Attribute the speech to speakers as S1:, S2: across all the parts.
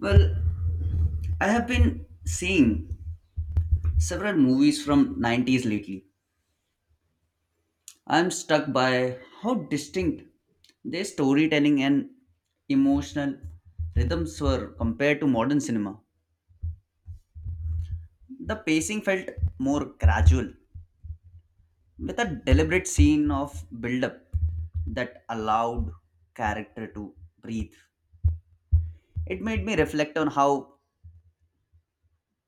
S1: Well, I have been seeing several movies from 90s lately. I'm stuck by how distinct their storytelling and emotional rhythms were compared to modern cinema. The pacing felt more gradual, with a deliberate scene of build-up that allowed character to breathe. It made me reflect on how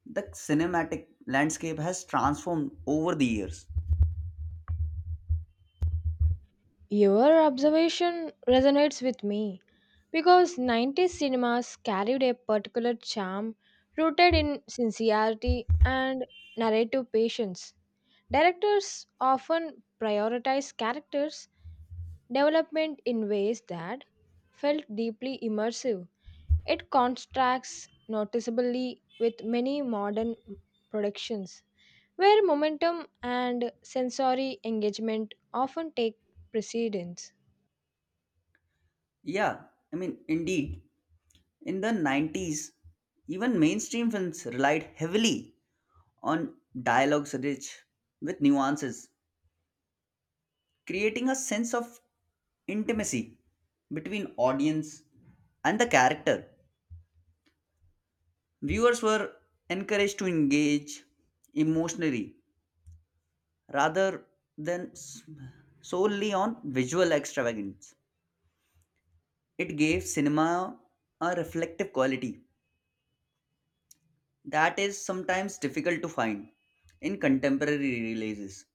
S1: the cinematic landscape has transformed over the years.
S2: Your observation resonates with me because 90s cinemas carried a particular charm rooted in sincerity and narrative patience. Directors often prioritize characters' development in ways that felt deeply immersive. It contrasts noticeably with many modern productions, where momentum and sensory engagement often take precedence.
S1: Yeah, indeed, in the 90s, even mainstream films relied heavily on dialogues rich with nuances, creating a sense of intimacy between audience and the character. Viewers were encouraged to engage emotionally rather than solely on visual extravagance. It gave cinema a reflective quality that is sometimes difficult to find in contemporary releases.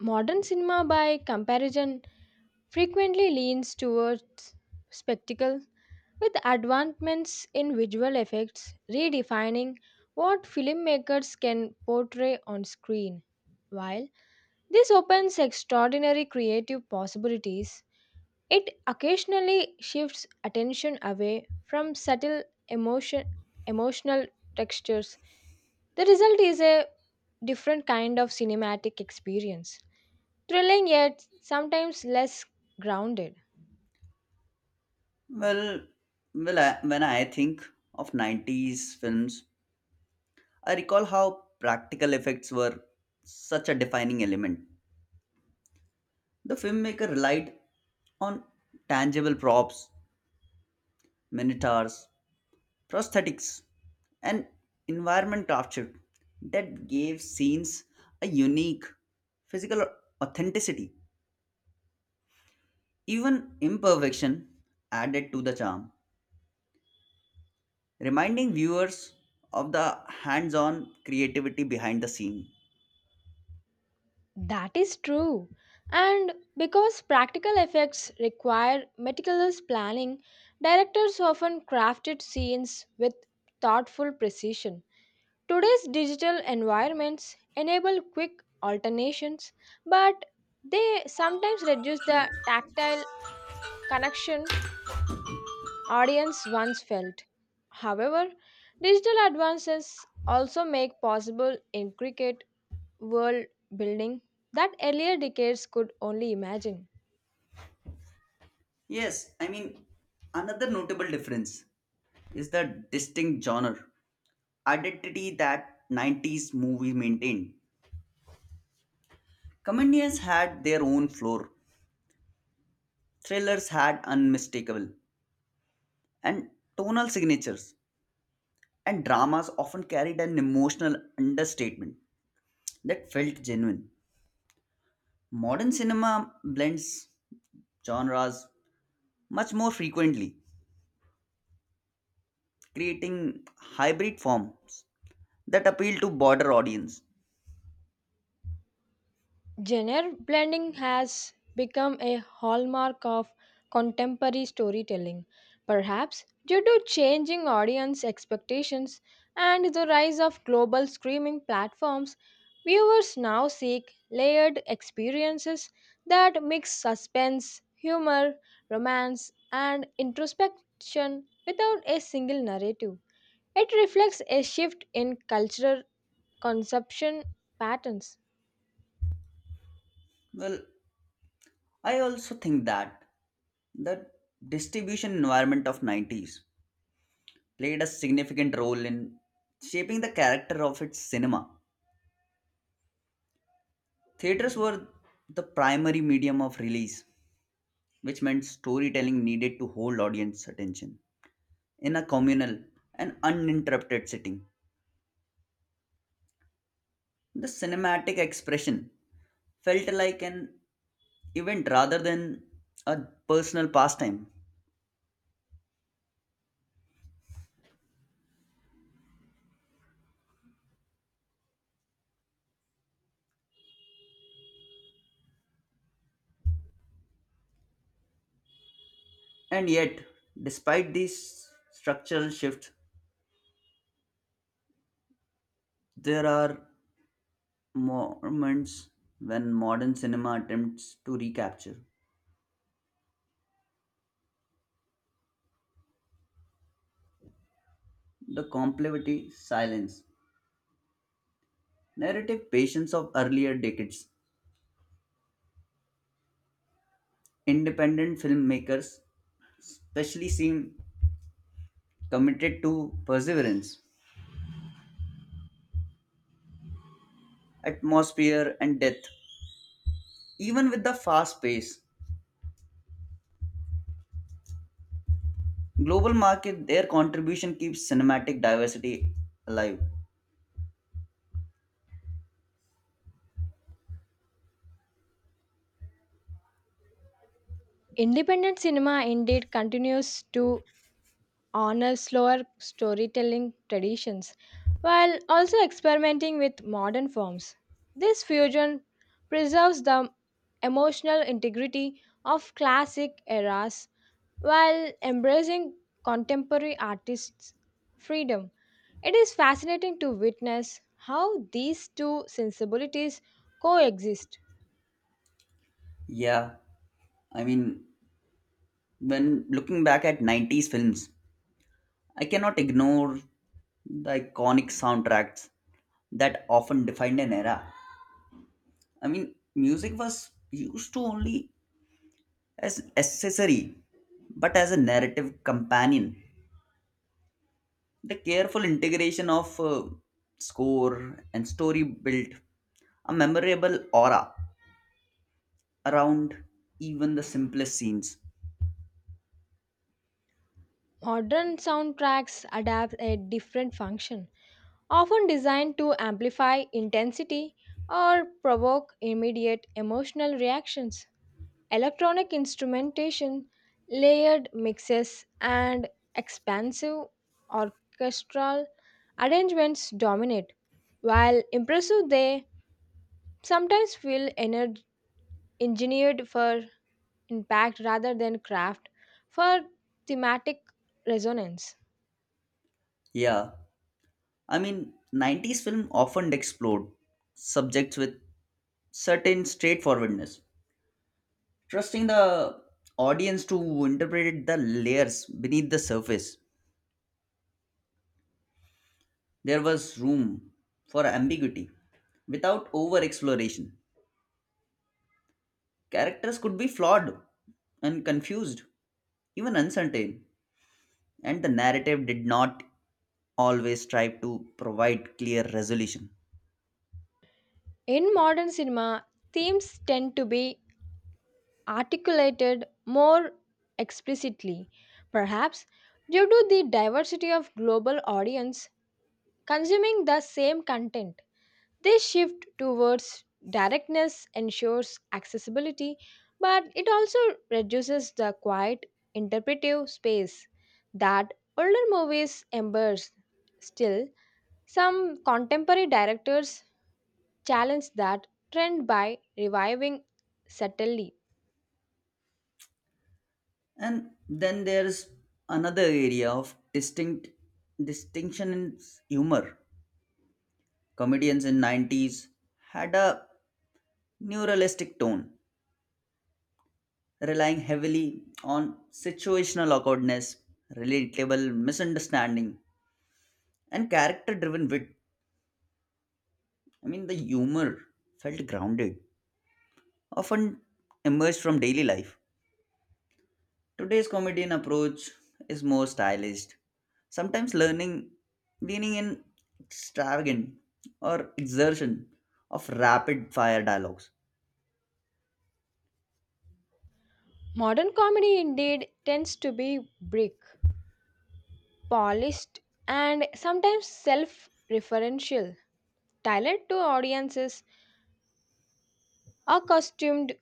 S2: Modern cinema, by comparison, frequently leans towards spectacle, with advancements in visual effects redefining what filmmakers can portray on screen. While this opens extraordinary creative possibilities, it occasionally shifts attention away from subtle emotion, emotional textures. The result is a different kind of cinematic experience, thrilling yet sometimes less grounded.
S1: Well, I, when I think of 90s films, I recall how practical effects were such a defining element. The filmmaker relied on tangible props, minotaurs, prosthetics, and environment captured that gave scenes a unique physical authenticity. Even imperfection added to the charm, reminding viewers of the hands on creativity behind the scene.
S2: That is true. And because practical effects require meticulous planning, directors often crafted scenes with thoughtful precision. Today's digital environments enable quick alternations, but they sometimes reduce the tactile connection audience once felt. However, digital advances also make possible intricate world building that earlier decades could only imagine.
S1: Yes, another notable difference is the distinct genre identity that 90s movie maintained. Comedians had their own floor, thrillers had unmistakable and tonal signatures, and dramas often carried an emotional understatement that felt genuine. Modern cinema blends genres much more frequently, creating hybrid forms that appeal to broader audience.
S2: Genre blending has become a hallmark of contemporary storytelling, perhaps due to changing audience expectations and the rise of global streaming platforms. Viewers now seek layered experiences that mix suspense, humor, romance, and introspection without a single narrative. It reflects a shift in cultural consumption patterns.
S1: Well, I also think that the distribution environment of 90s played a significant role in shaping the character of its cinema. Theaters were the primary medium of release, which meant storytelling needed to hold audience attention in a communal and uninterrupted setting. The cinematic expression felt like an event rather than a personal pastime. And yet, despite these structural shifts, there are moments when modern cinema attempts to recapture the complexity, silence, narrative patience of earlier decades. Independent filmmakers especially seem committed to perseverance, atmosphere, and depth, even with the fast pace. Global market, their contribution keeps cinematic diversity alive.
S2: Independent cinema indeed continues to honor slower storytelling traditions while also experimenting with modern forms. This fusion preserves the emotional integrity of classic eras while embracing contemporary artists' freedom. It is fascinating to witness how these two sensibilities coexist.
S1: Yeah, I mean, when looking back at 90s films, I cannot ignore the iconic soundtracks that often defined an era. I mean, music was used to only as accessory, but as a narrative companion. The careful integration of score and story built a memorable aura around even the simplest scenes.
S2: Modern soundtracks adapt a different function, often designed to amplify intensity or provoke immediate emotional reactions. Electronic instrumentation, layered mixes, and expansive orchestral arrangements dominate. While impressive, they sometimes feel engineered for impact rather than craft for thematic resonance.
S1: Yeah, 90s film often explored subjects with certain straightforwardness, trusting the audience to interpret the layers beneath the surface. There was room for ambiguity without over exploration. Characters could be flawed and confused, even uncertain, and the narrative did not always strive to provide clear resolution.
S2: In modern cinema, themes tend to be articulated more explicitly, perhaps due to the diversity of global audience consuming the same content. This shift towards directness ensures accessibility, but it also reduces the quiet interpretive space that older movies embrace. Still, some contemporary directors challenged that trend by reviving subtly.
S1: And then there's another area of distinction in humor. Comedians in 90s had a neuralistic tone, relying heavily on situational awkwardness, relatable misunderstanding, and character-driven wit. I mean, the humor felt grounded, often emerged from daily life. Today's comedian approach is more stylized, sometimes learning, leaning in extravagant or exertion of rapid fire dialogues.
S2: Modern comedy indeed tends to be brick, polished, and sometimes self referential, tailored to audiences accustomed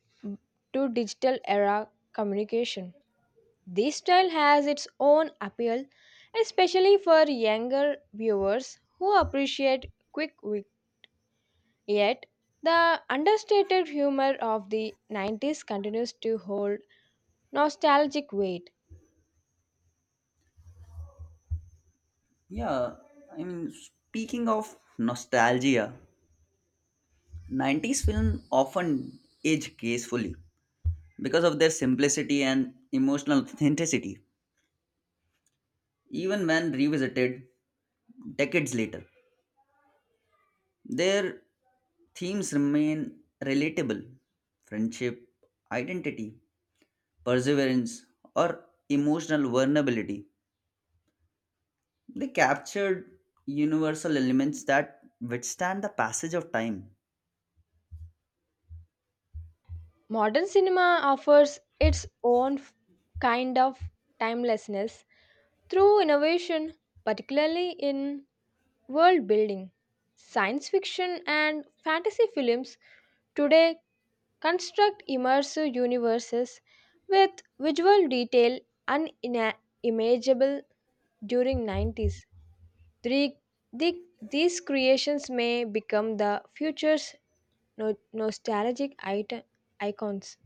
S2: to digital era communication. This style has its own appeal, especially for younger viewers who appreciate quick wit. Yet, the understated humor of the 90s continues to hold nostalgic weight.
S1: Yeah, speaking of nostalgia, 90s film often age gracefully because of their simplicity and emotional authenticity, even when revisited decades later. Their themes remain relatable friendship, identity, perseverance, or emotional vulnerability. They captured universal elements that withstand the passage of time.
S2: Modern cinema offers its own kind of timelessness through innovation, particularly in world building. Science fiction and fantasy films today construct immersive universes with visual detail unimaginable during 90s. Three- the- these creations may become the future's no- nostalgic icons.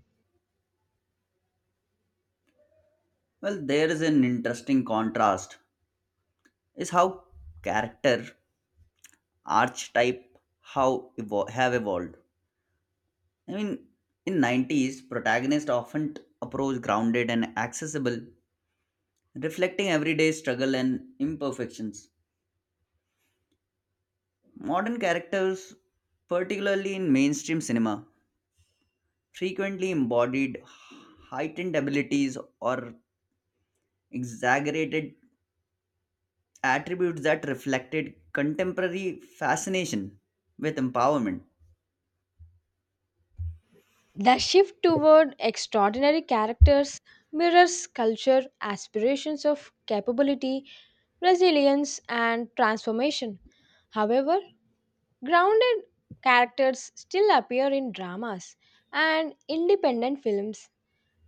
S1: Well, there is an interesting contrast is how character archetype have evolved. I mean, in 90s, protagonists often approach grounded and accessible, reflecting everyday struggle and imperfections. Modern characters, particularly in mainstream cinema, frequently embodied heightened abilities or exaggerated attributes that reflected contemporary fascination with empowerment.
S2: The shift toward extraordinary characters mirrors culture aspirations of capability, resilience, and transformation. However, grounded characters still appear in dramas and independent films,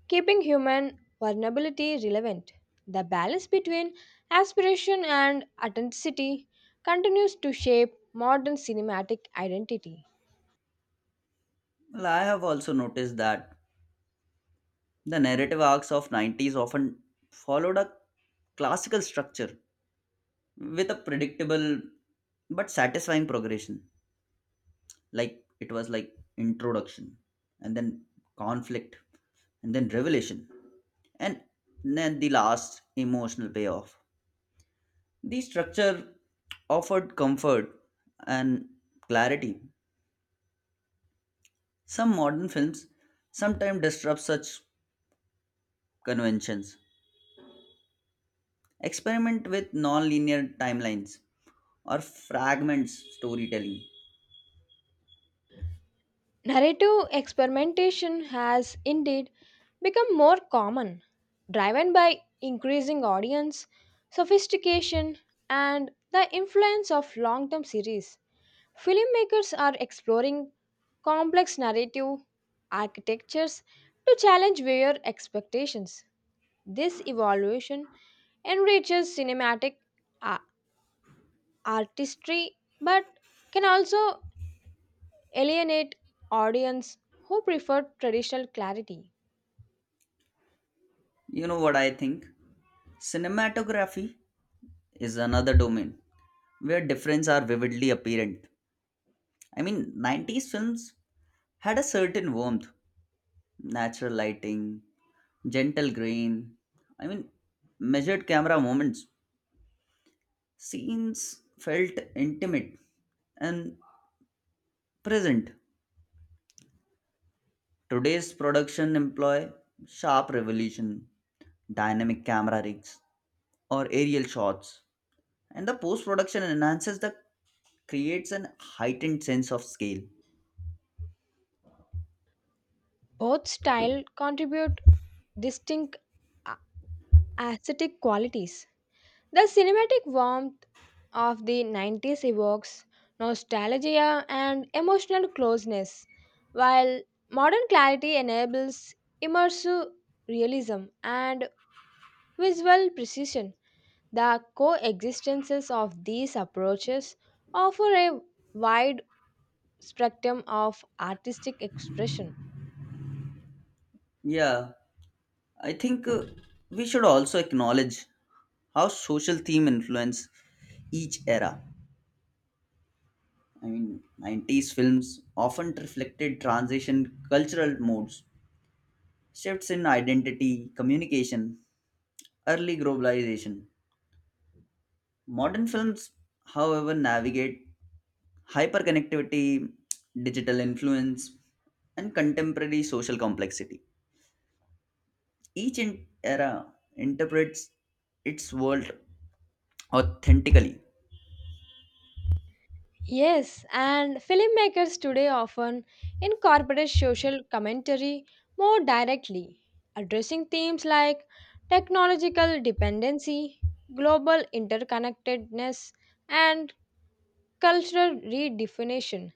S2: keeping human vulnerability relevant. The balance between aspiration and authenticity continues to shape modern cinematic identity.
S1: Well, I have also noticed that the narrative arcs of 90s often followed a classical structure with a predictable but satisfying progression. Like it was like introduction and then conflict and then revelation and then the last emotional payoff. The structure offered comfort and clarity. Some modern films sometimes disrupt such conventions, experiment with non-linear timelines or fragments storytelling.
S2: Narrative experimentation has indeed become more common, driven by increasing audience sophistication and the influence of long term series. Filmmakers are exploring complex narrative architectures to challenge viewer expectations. This evolution enriches cinematic a- artistry but can also alienate audience who prefer traditional clarity.
S1: You know what I think? Cinematography is another domain where differences are vividly apparent. I mean, 90s films had a certain warmth, natural lighting, gentle grain, I mean, measured camera moments. Scenes felt intimate and present. Today's production employ sharp revolution, dynamic camera rigs, or aerial shots, and the post production enhances the creates an heightened sense of scale.
S2: Both style contribute distinct a- aesthetic qualities. The cinematic warmth of the 90s evokes nostalgia and emotional closeness, while modern clarity enables immersive realism and visual precision. The coexistences of these approaches offer a wide spectrum of artistic expression.
S1: Yeah, I think we should also acknowledge how social theme influence each era. I mean, 90s films often reflected transition cultural modes. Shifts in identity, communication, early globalization. Modern films, however, navigate hyperconnectivity, digital influence, and contemporary social complexity. Each era interprets its world authentically.
S2: Yes, and filmmakers today often incorporate social commentary more directly, addressing themes like technological dependency, global interconnectedness, and cultural redefinition.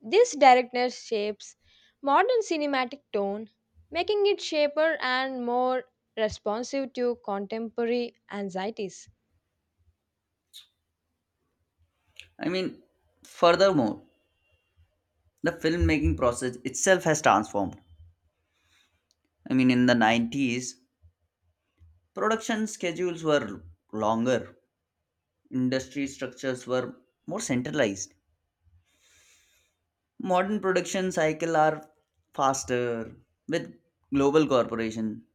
S2: This directness shapes modern cinematic tone, making it sharper and more responsive to contemporary anxieties.
S1: I mean, furthermore, the filmmaking process itself has transformed. I mean, in the 90s, production schedules were longer, industry structures were more centralized. Modern production cycle are faster with global corporation,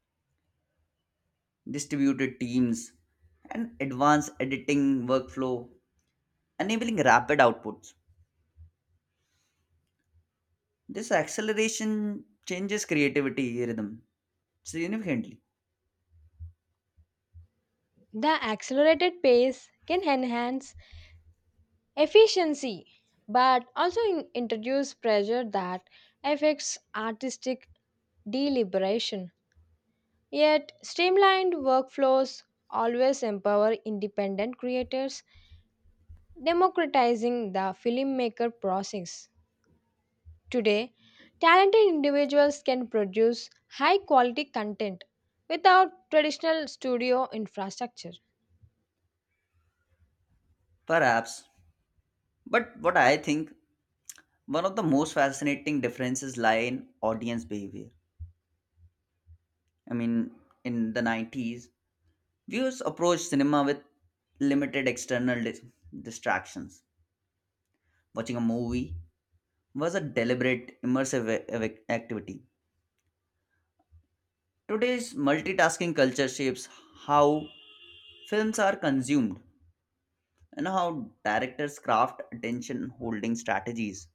S1: distributed teams, and advanced editing workflow, enabling rapid outputs. This acceleration changes creativity rhythm significantly,
S2: The accelerated pace can enhance efficiency but also introduce pressure that affects artistic deliberation. Yet, streamlined workflows always empower independent creators, democratizing the filmmaker process. Today, talented individuals can produce high quality content without traditional studio infrastructure.
S1: perhaps. But what I think one of the most fascinating differences lie in audience behavior. I mean, in the 90s, viewers approached cinema with limited external distractions watching a movie was a deliberate, immersive activity. Today's multitasking culture shapes how films are consumed and how directors craft attention holding strategies.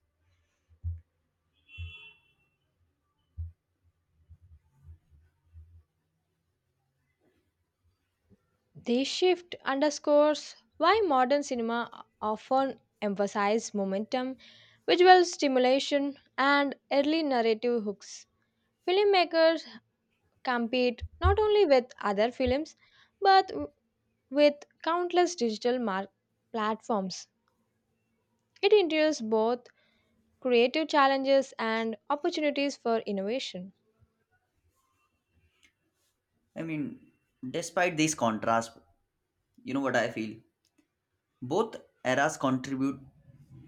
S2: This shift underscores why modern cinema often emphasizes momentum, visual stimulation, and early narrative hooks. Filmmakers compete not only with other films but with countless digital platforms. It introduces both creative challenges and opportunities for innovation.
S1: I mean, despite these contrasts, you know what I feel? Both eras contribute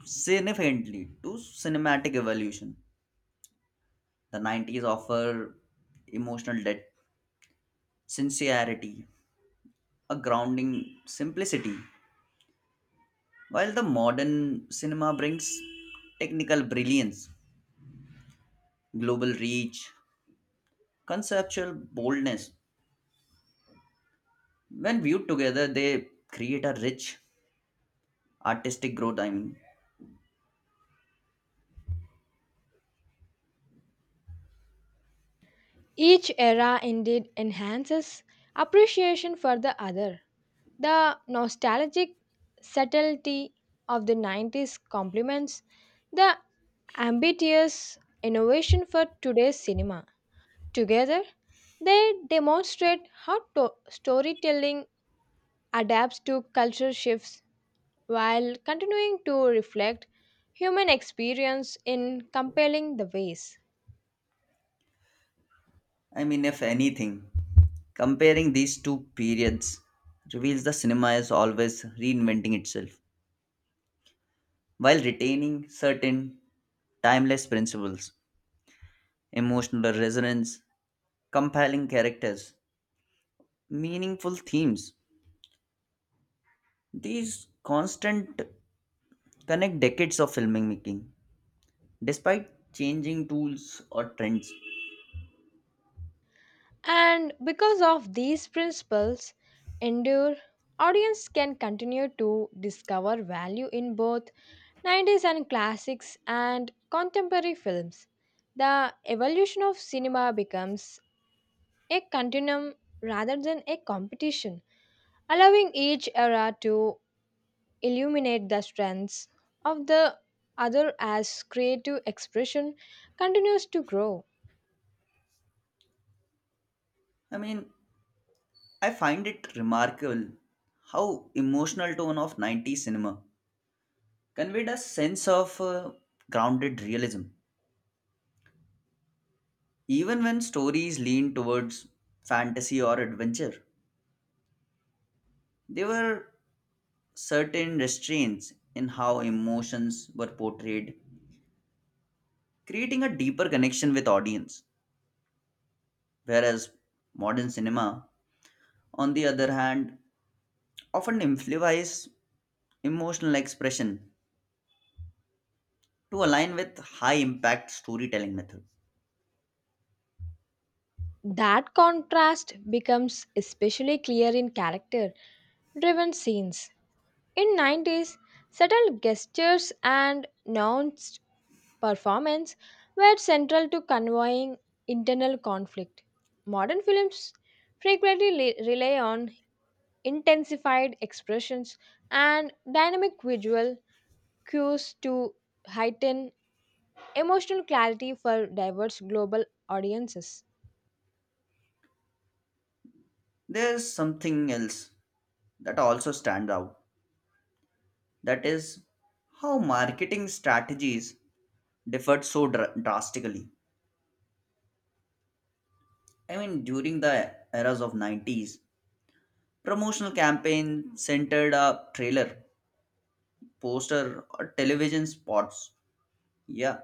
S1: significantly to cinematic evolution. The 90s offer emotional depth, sincerity, a grounding simplicity. While the modern cinema brings technical brilliance, global reach, conceptual boldness, when viewed together, they create a rich artistic growth.
S2: Each era indeed enhances appreciation for the other. The nostalgic subtlety of the 90s complements the ambitious innovation for today's cinema. Together, they demonstrate how storytelling adapts to cultural shifts while continuing to reflect human experience in compelling the ways.
S1: If anything, comparing these two periods reveals the cinema is always reinventing itself while retaining certain timeless principles, emotional resonance, compelling characters, meaningful themes. These constant connect decades of filmmaking despite changing tools or trends.
S2: And because of these principles, endure audience can continue to discover value in both 90s and classics and contemporary films. The evolution of cinema becomes a continuum rather than a competition, allowing each era to illuminate the strengths of the other as creative expression continues to grow.
S1: I mean, I find it remarkable how emotional tone of 90s cinema conveyed a sense of grounded realism. Even when stories leaned towards fantasy or adventure, there were certain restraints in how emotions were portrayed, creating a deeper connection with audience. Whereas modern cinema, on the other hand, often amplifies emotional expression to align with high impact storytelling methods.
S2: That contrast becomes especially clear in character driven scenes. In 90s, subtle gestures and nuanced performance were central to conveying internal conflict. Modern films frequently rely on intensified expressions and dynamic visual cues to heighten emotional clarity for diverse global audiences.
S1: There's something else that also stands out that is how marketing strategies differed so drastically. I mean, during the eras of 90s, promotional campaign centered a trailer, poster, or television spots. Yeah,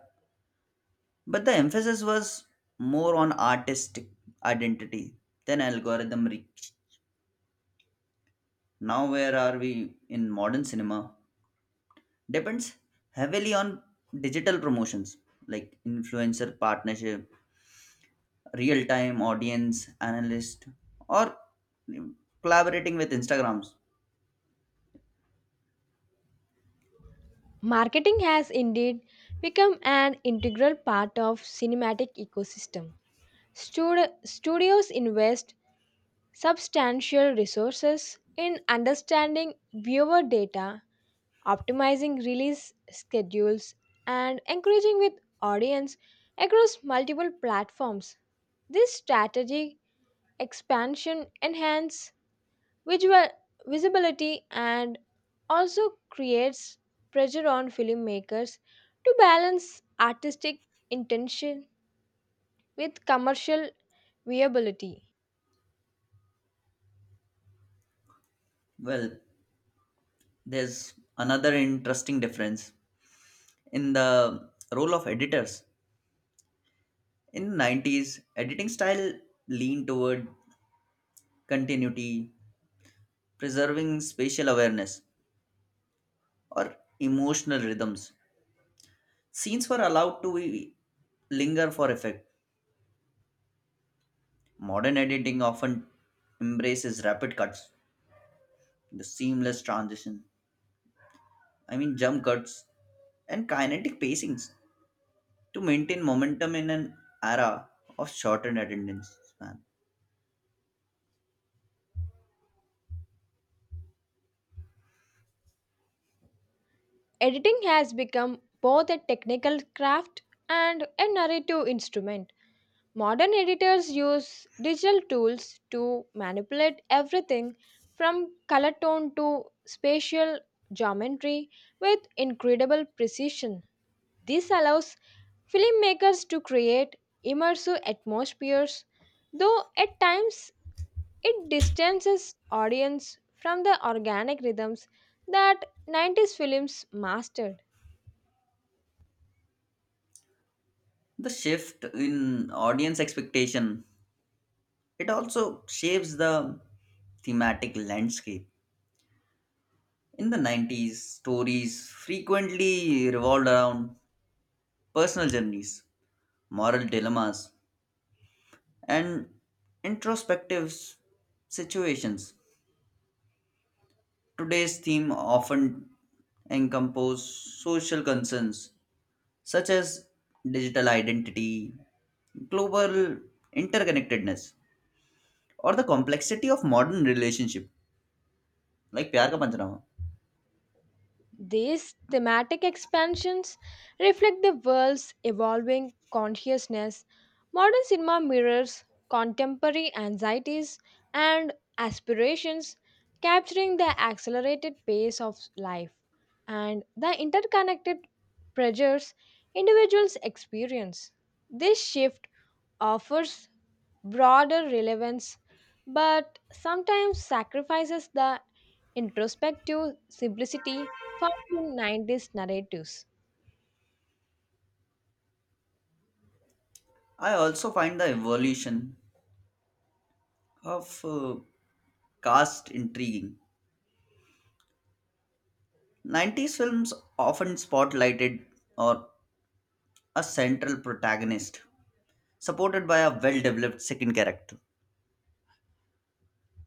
S1: but the emphasis was more on artistic identity than algorithm reach. Now, where are we in modern cinema? Depends heavily on digital promotions like influencer partnership, real time audience analyst, or collaborating with Instagrams.
S2: Marketing has indeed become an integral part of cinematic ecosystem. Studios invest substantial resources in understanding viewer data, optimizing release schedules, and engaging with audience across multiple platforms. This strategic expansion enhances visual visibility and also creates pressure on filmmakers to balance artistic intention with commercial viability.
S1: Well, there's another interesting difference in the role of editors. In 90s, editing style leaned toward continuity, preserving spatial awareness, or emotional rhythms. Scenes were allowed to be linger for effect. Modern editing often embraces rapid cuts, the seamless transition, I mean jump cuts, and kinetic pacings to maintain momentum in an era of shortened attendance span.
S2: Editing has become both a technical craft and a narrative instrument. Modern editors use digital tools to manipulate everything from color tone to spatial geometry with incredible precision. This allows filmmakers to create immersive atmospheres, though at times it distances audience from the organic rhythms that 90s films mastered.
S1: The shift in audience expectation it also shapes the thematic landscape. In the 90s, stories frequently revolved around personal journeys, moral dilemmas, and introspective situations. Today's theme often encompasses social concerns such as digital identity, global interconnectedness, or the complexity of modern relationship like Pyar Ka Panchnaama.
S2: These thematic expansions reflect the world's evolving consciousness. Modern cinema mirrors contemporary anxieties and aspirations, capturing the accelerated pace of life and the interconnected pressures individuals experience. This shift offers broader relevance but sometimes sacrifices the introspective simplicity found in 90s narratives.
S1: I also find the evolution of caste intriguing. 90s films often spotlighted or a central protagonist supported by a well developed second character.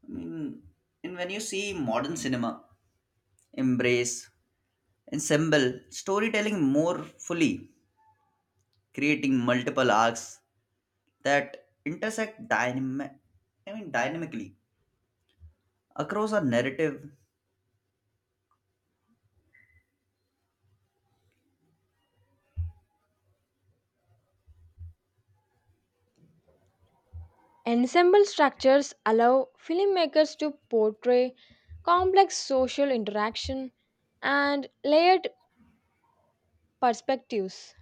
S1: I mean, and when you see modern cinema, embrace, ensemble storytelling more fully, creating multiple arcs that intersect dynamic, I mean dynamically across a narrative.
S2: Ensemble structures allow filmmakers to portray complex social interaction and layered perspectives.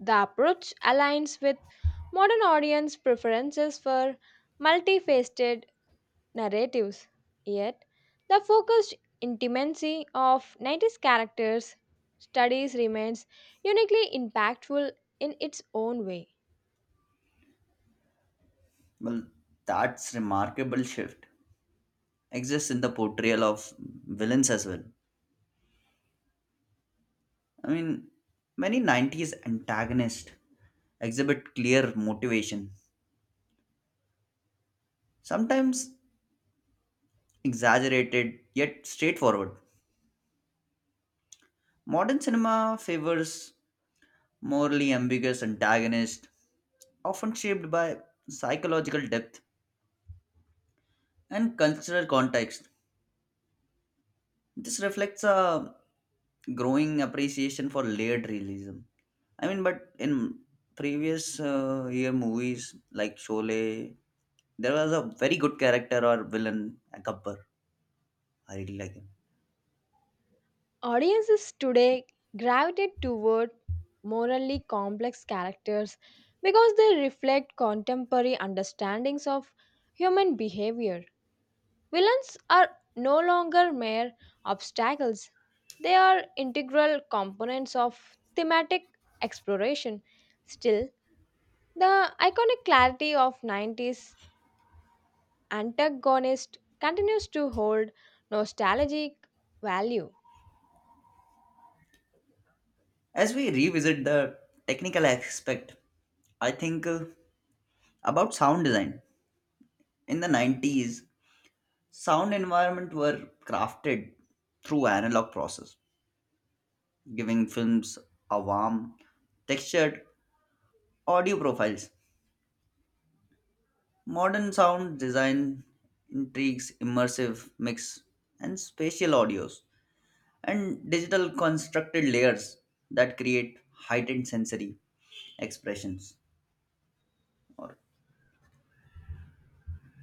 S2: The approach aligns with modern audience preferences for multifaceted narratives, yet, the focused intimacy of 90s characters' studies remains uniquely impactful in its own way.
S1: Well, that's remarkable shift exists in the portrayal of villains as well. I mean, many 90s antagonists exhibit clear motivation, sometimes exaggerated yet straightforward. Modern cinema favors morally ambiguous antagonists, often shaped by psychological depth and cultural context. This reflects a growing appreciation for layered realism. I mean, but in previous year movies like Sholay, there was a very good character or villain, Gabbar. I really like him.
S2: Audiences today gravitate toward morally complex characters because they reflect contemporary understandings of human behavior. Villains are no longer mere obstacles, they are integral components of thematic exploration. Still, the iconic clarity of 90s antagonist continues to hold nostalgic value.
S1: As we revisit the technical aspect, I think about sound design. In the 90s sound environment were crafted through analog process giving films a warm textured audio profiles modern sound design intrigues immersive mix and spatial audios and digital constructed layers that create heightened sensory expressions or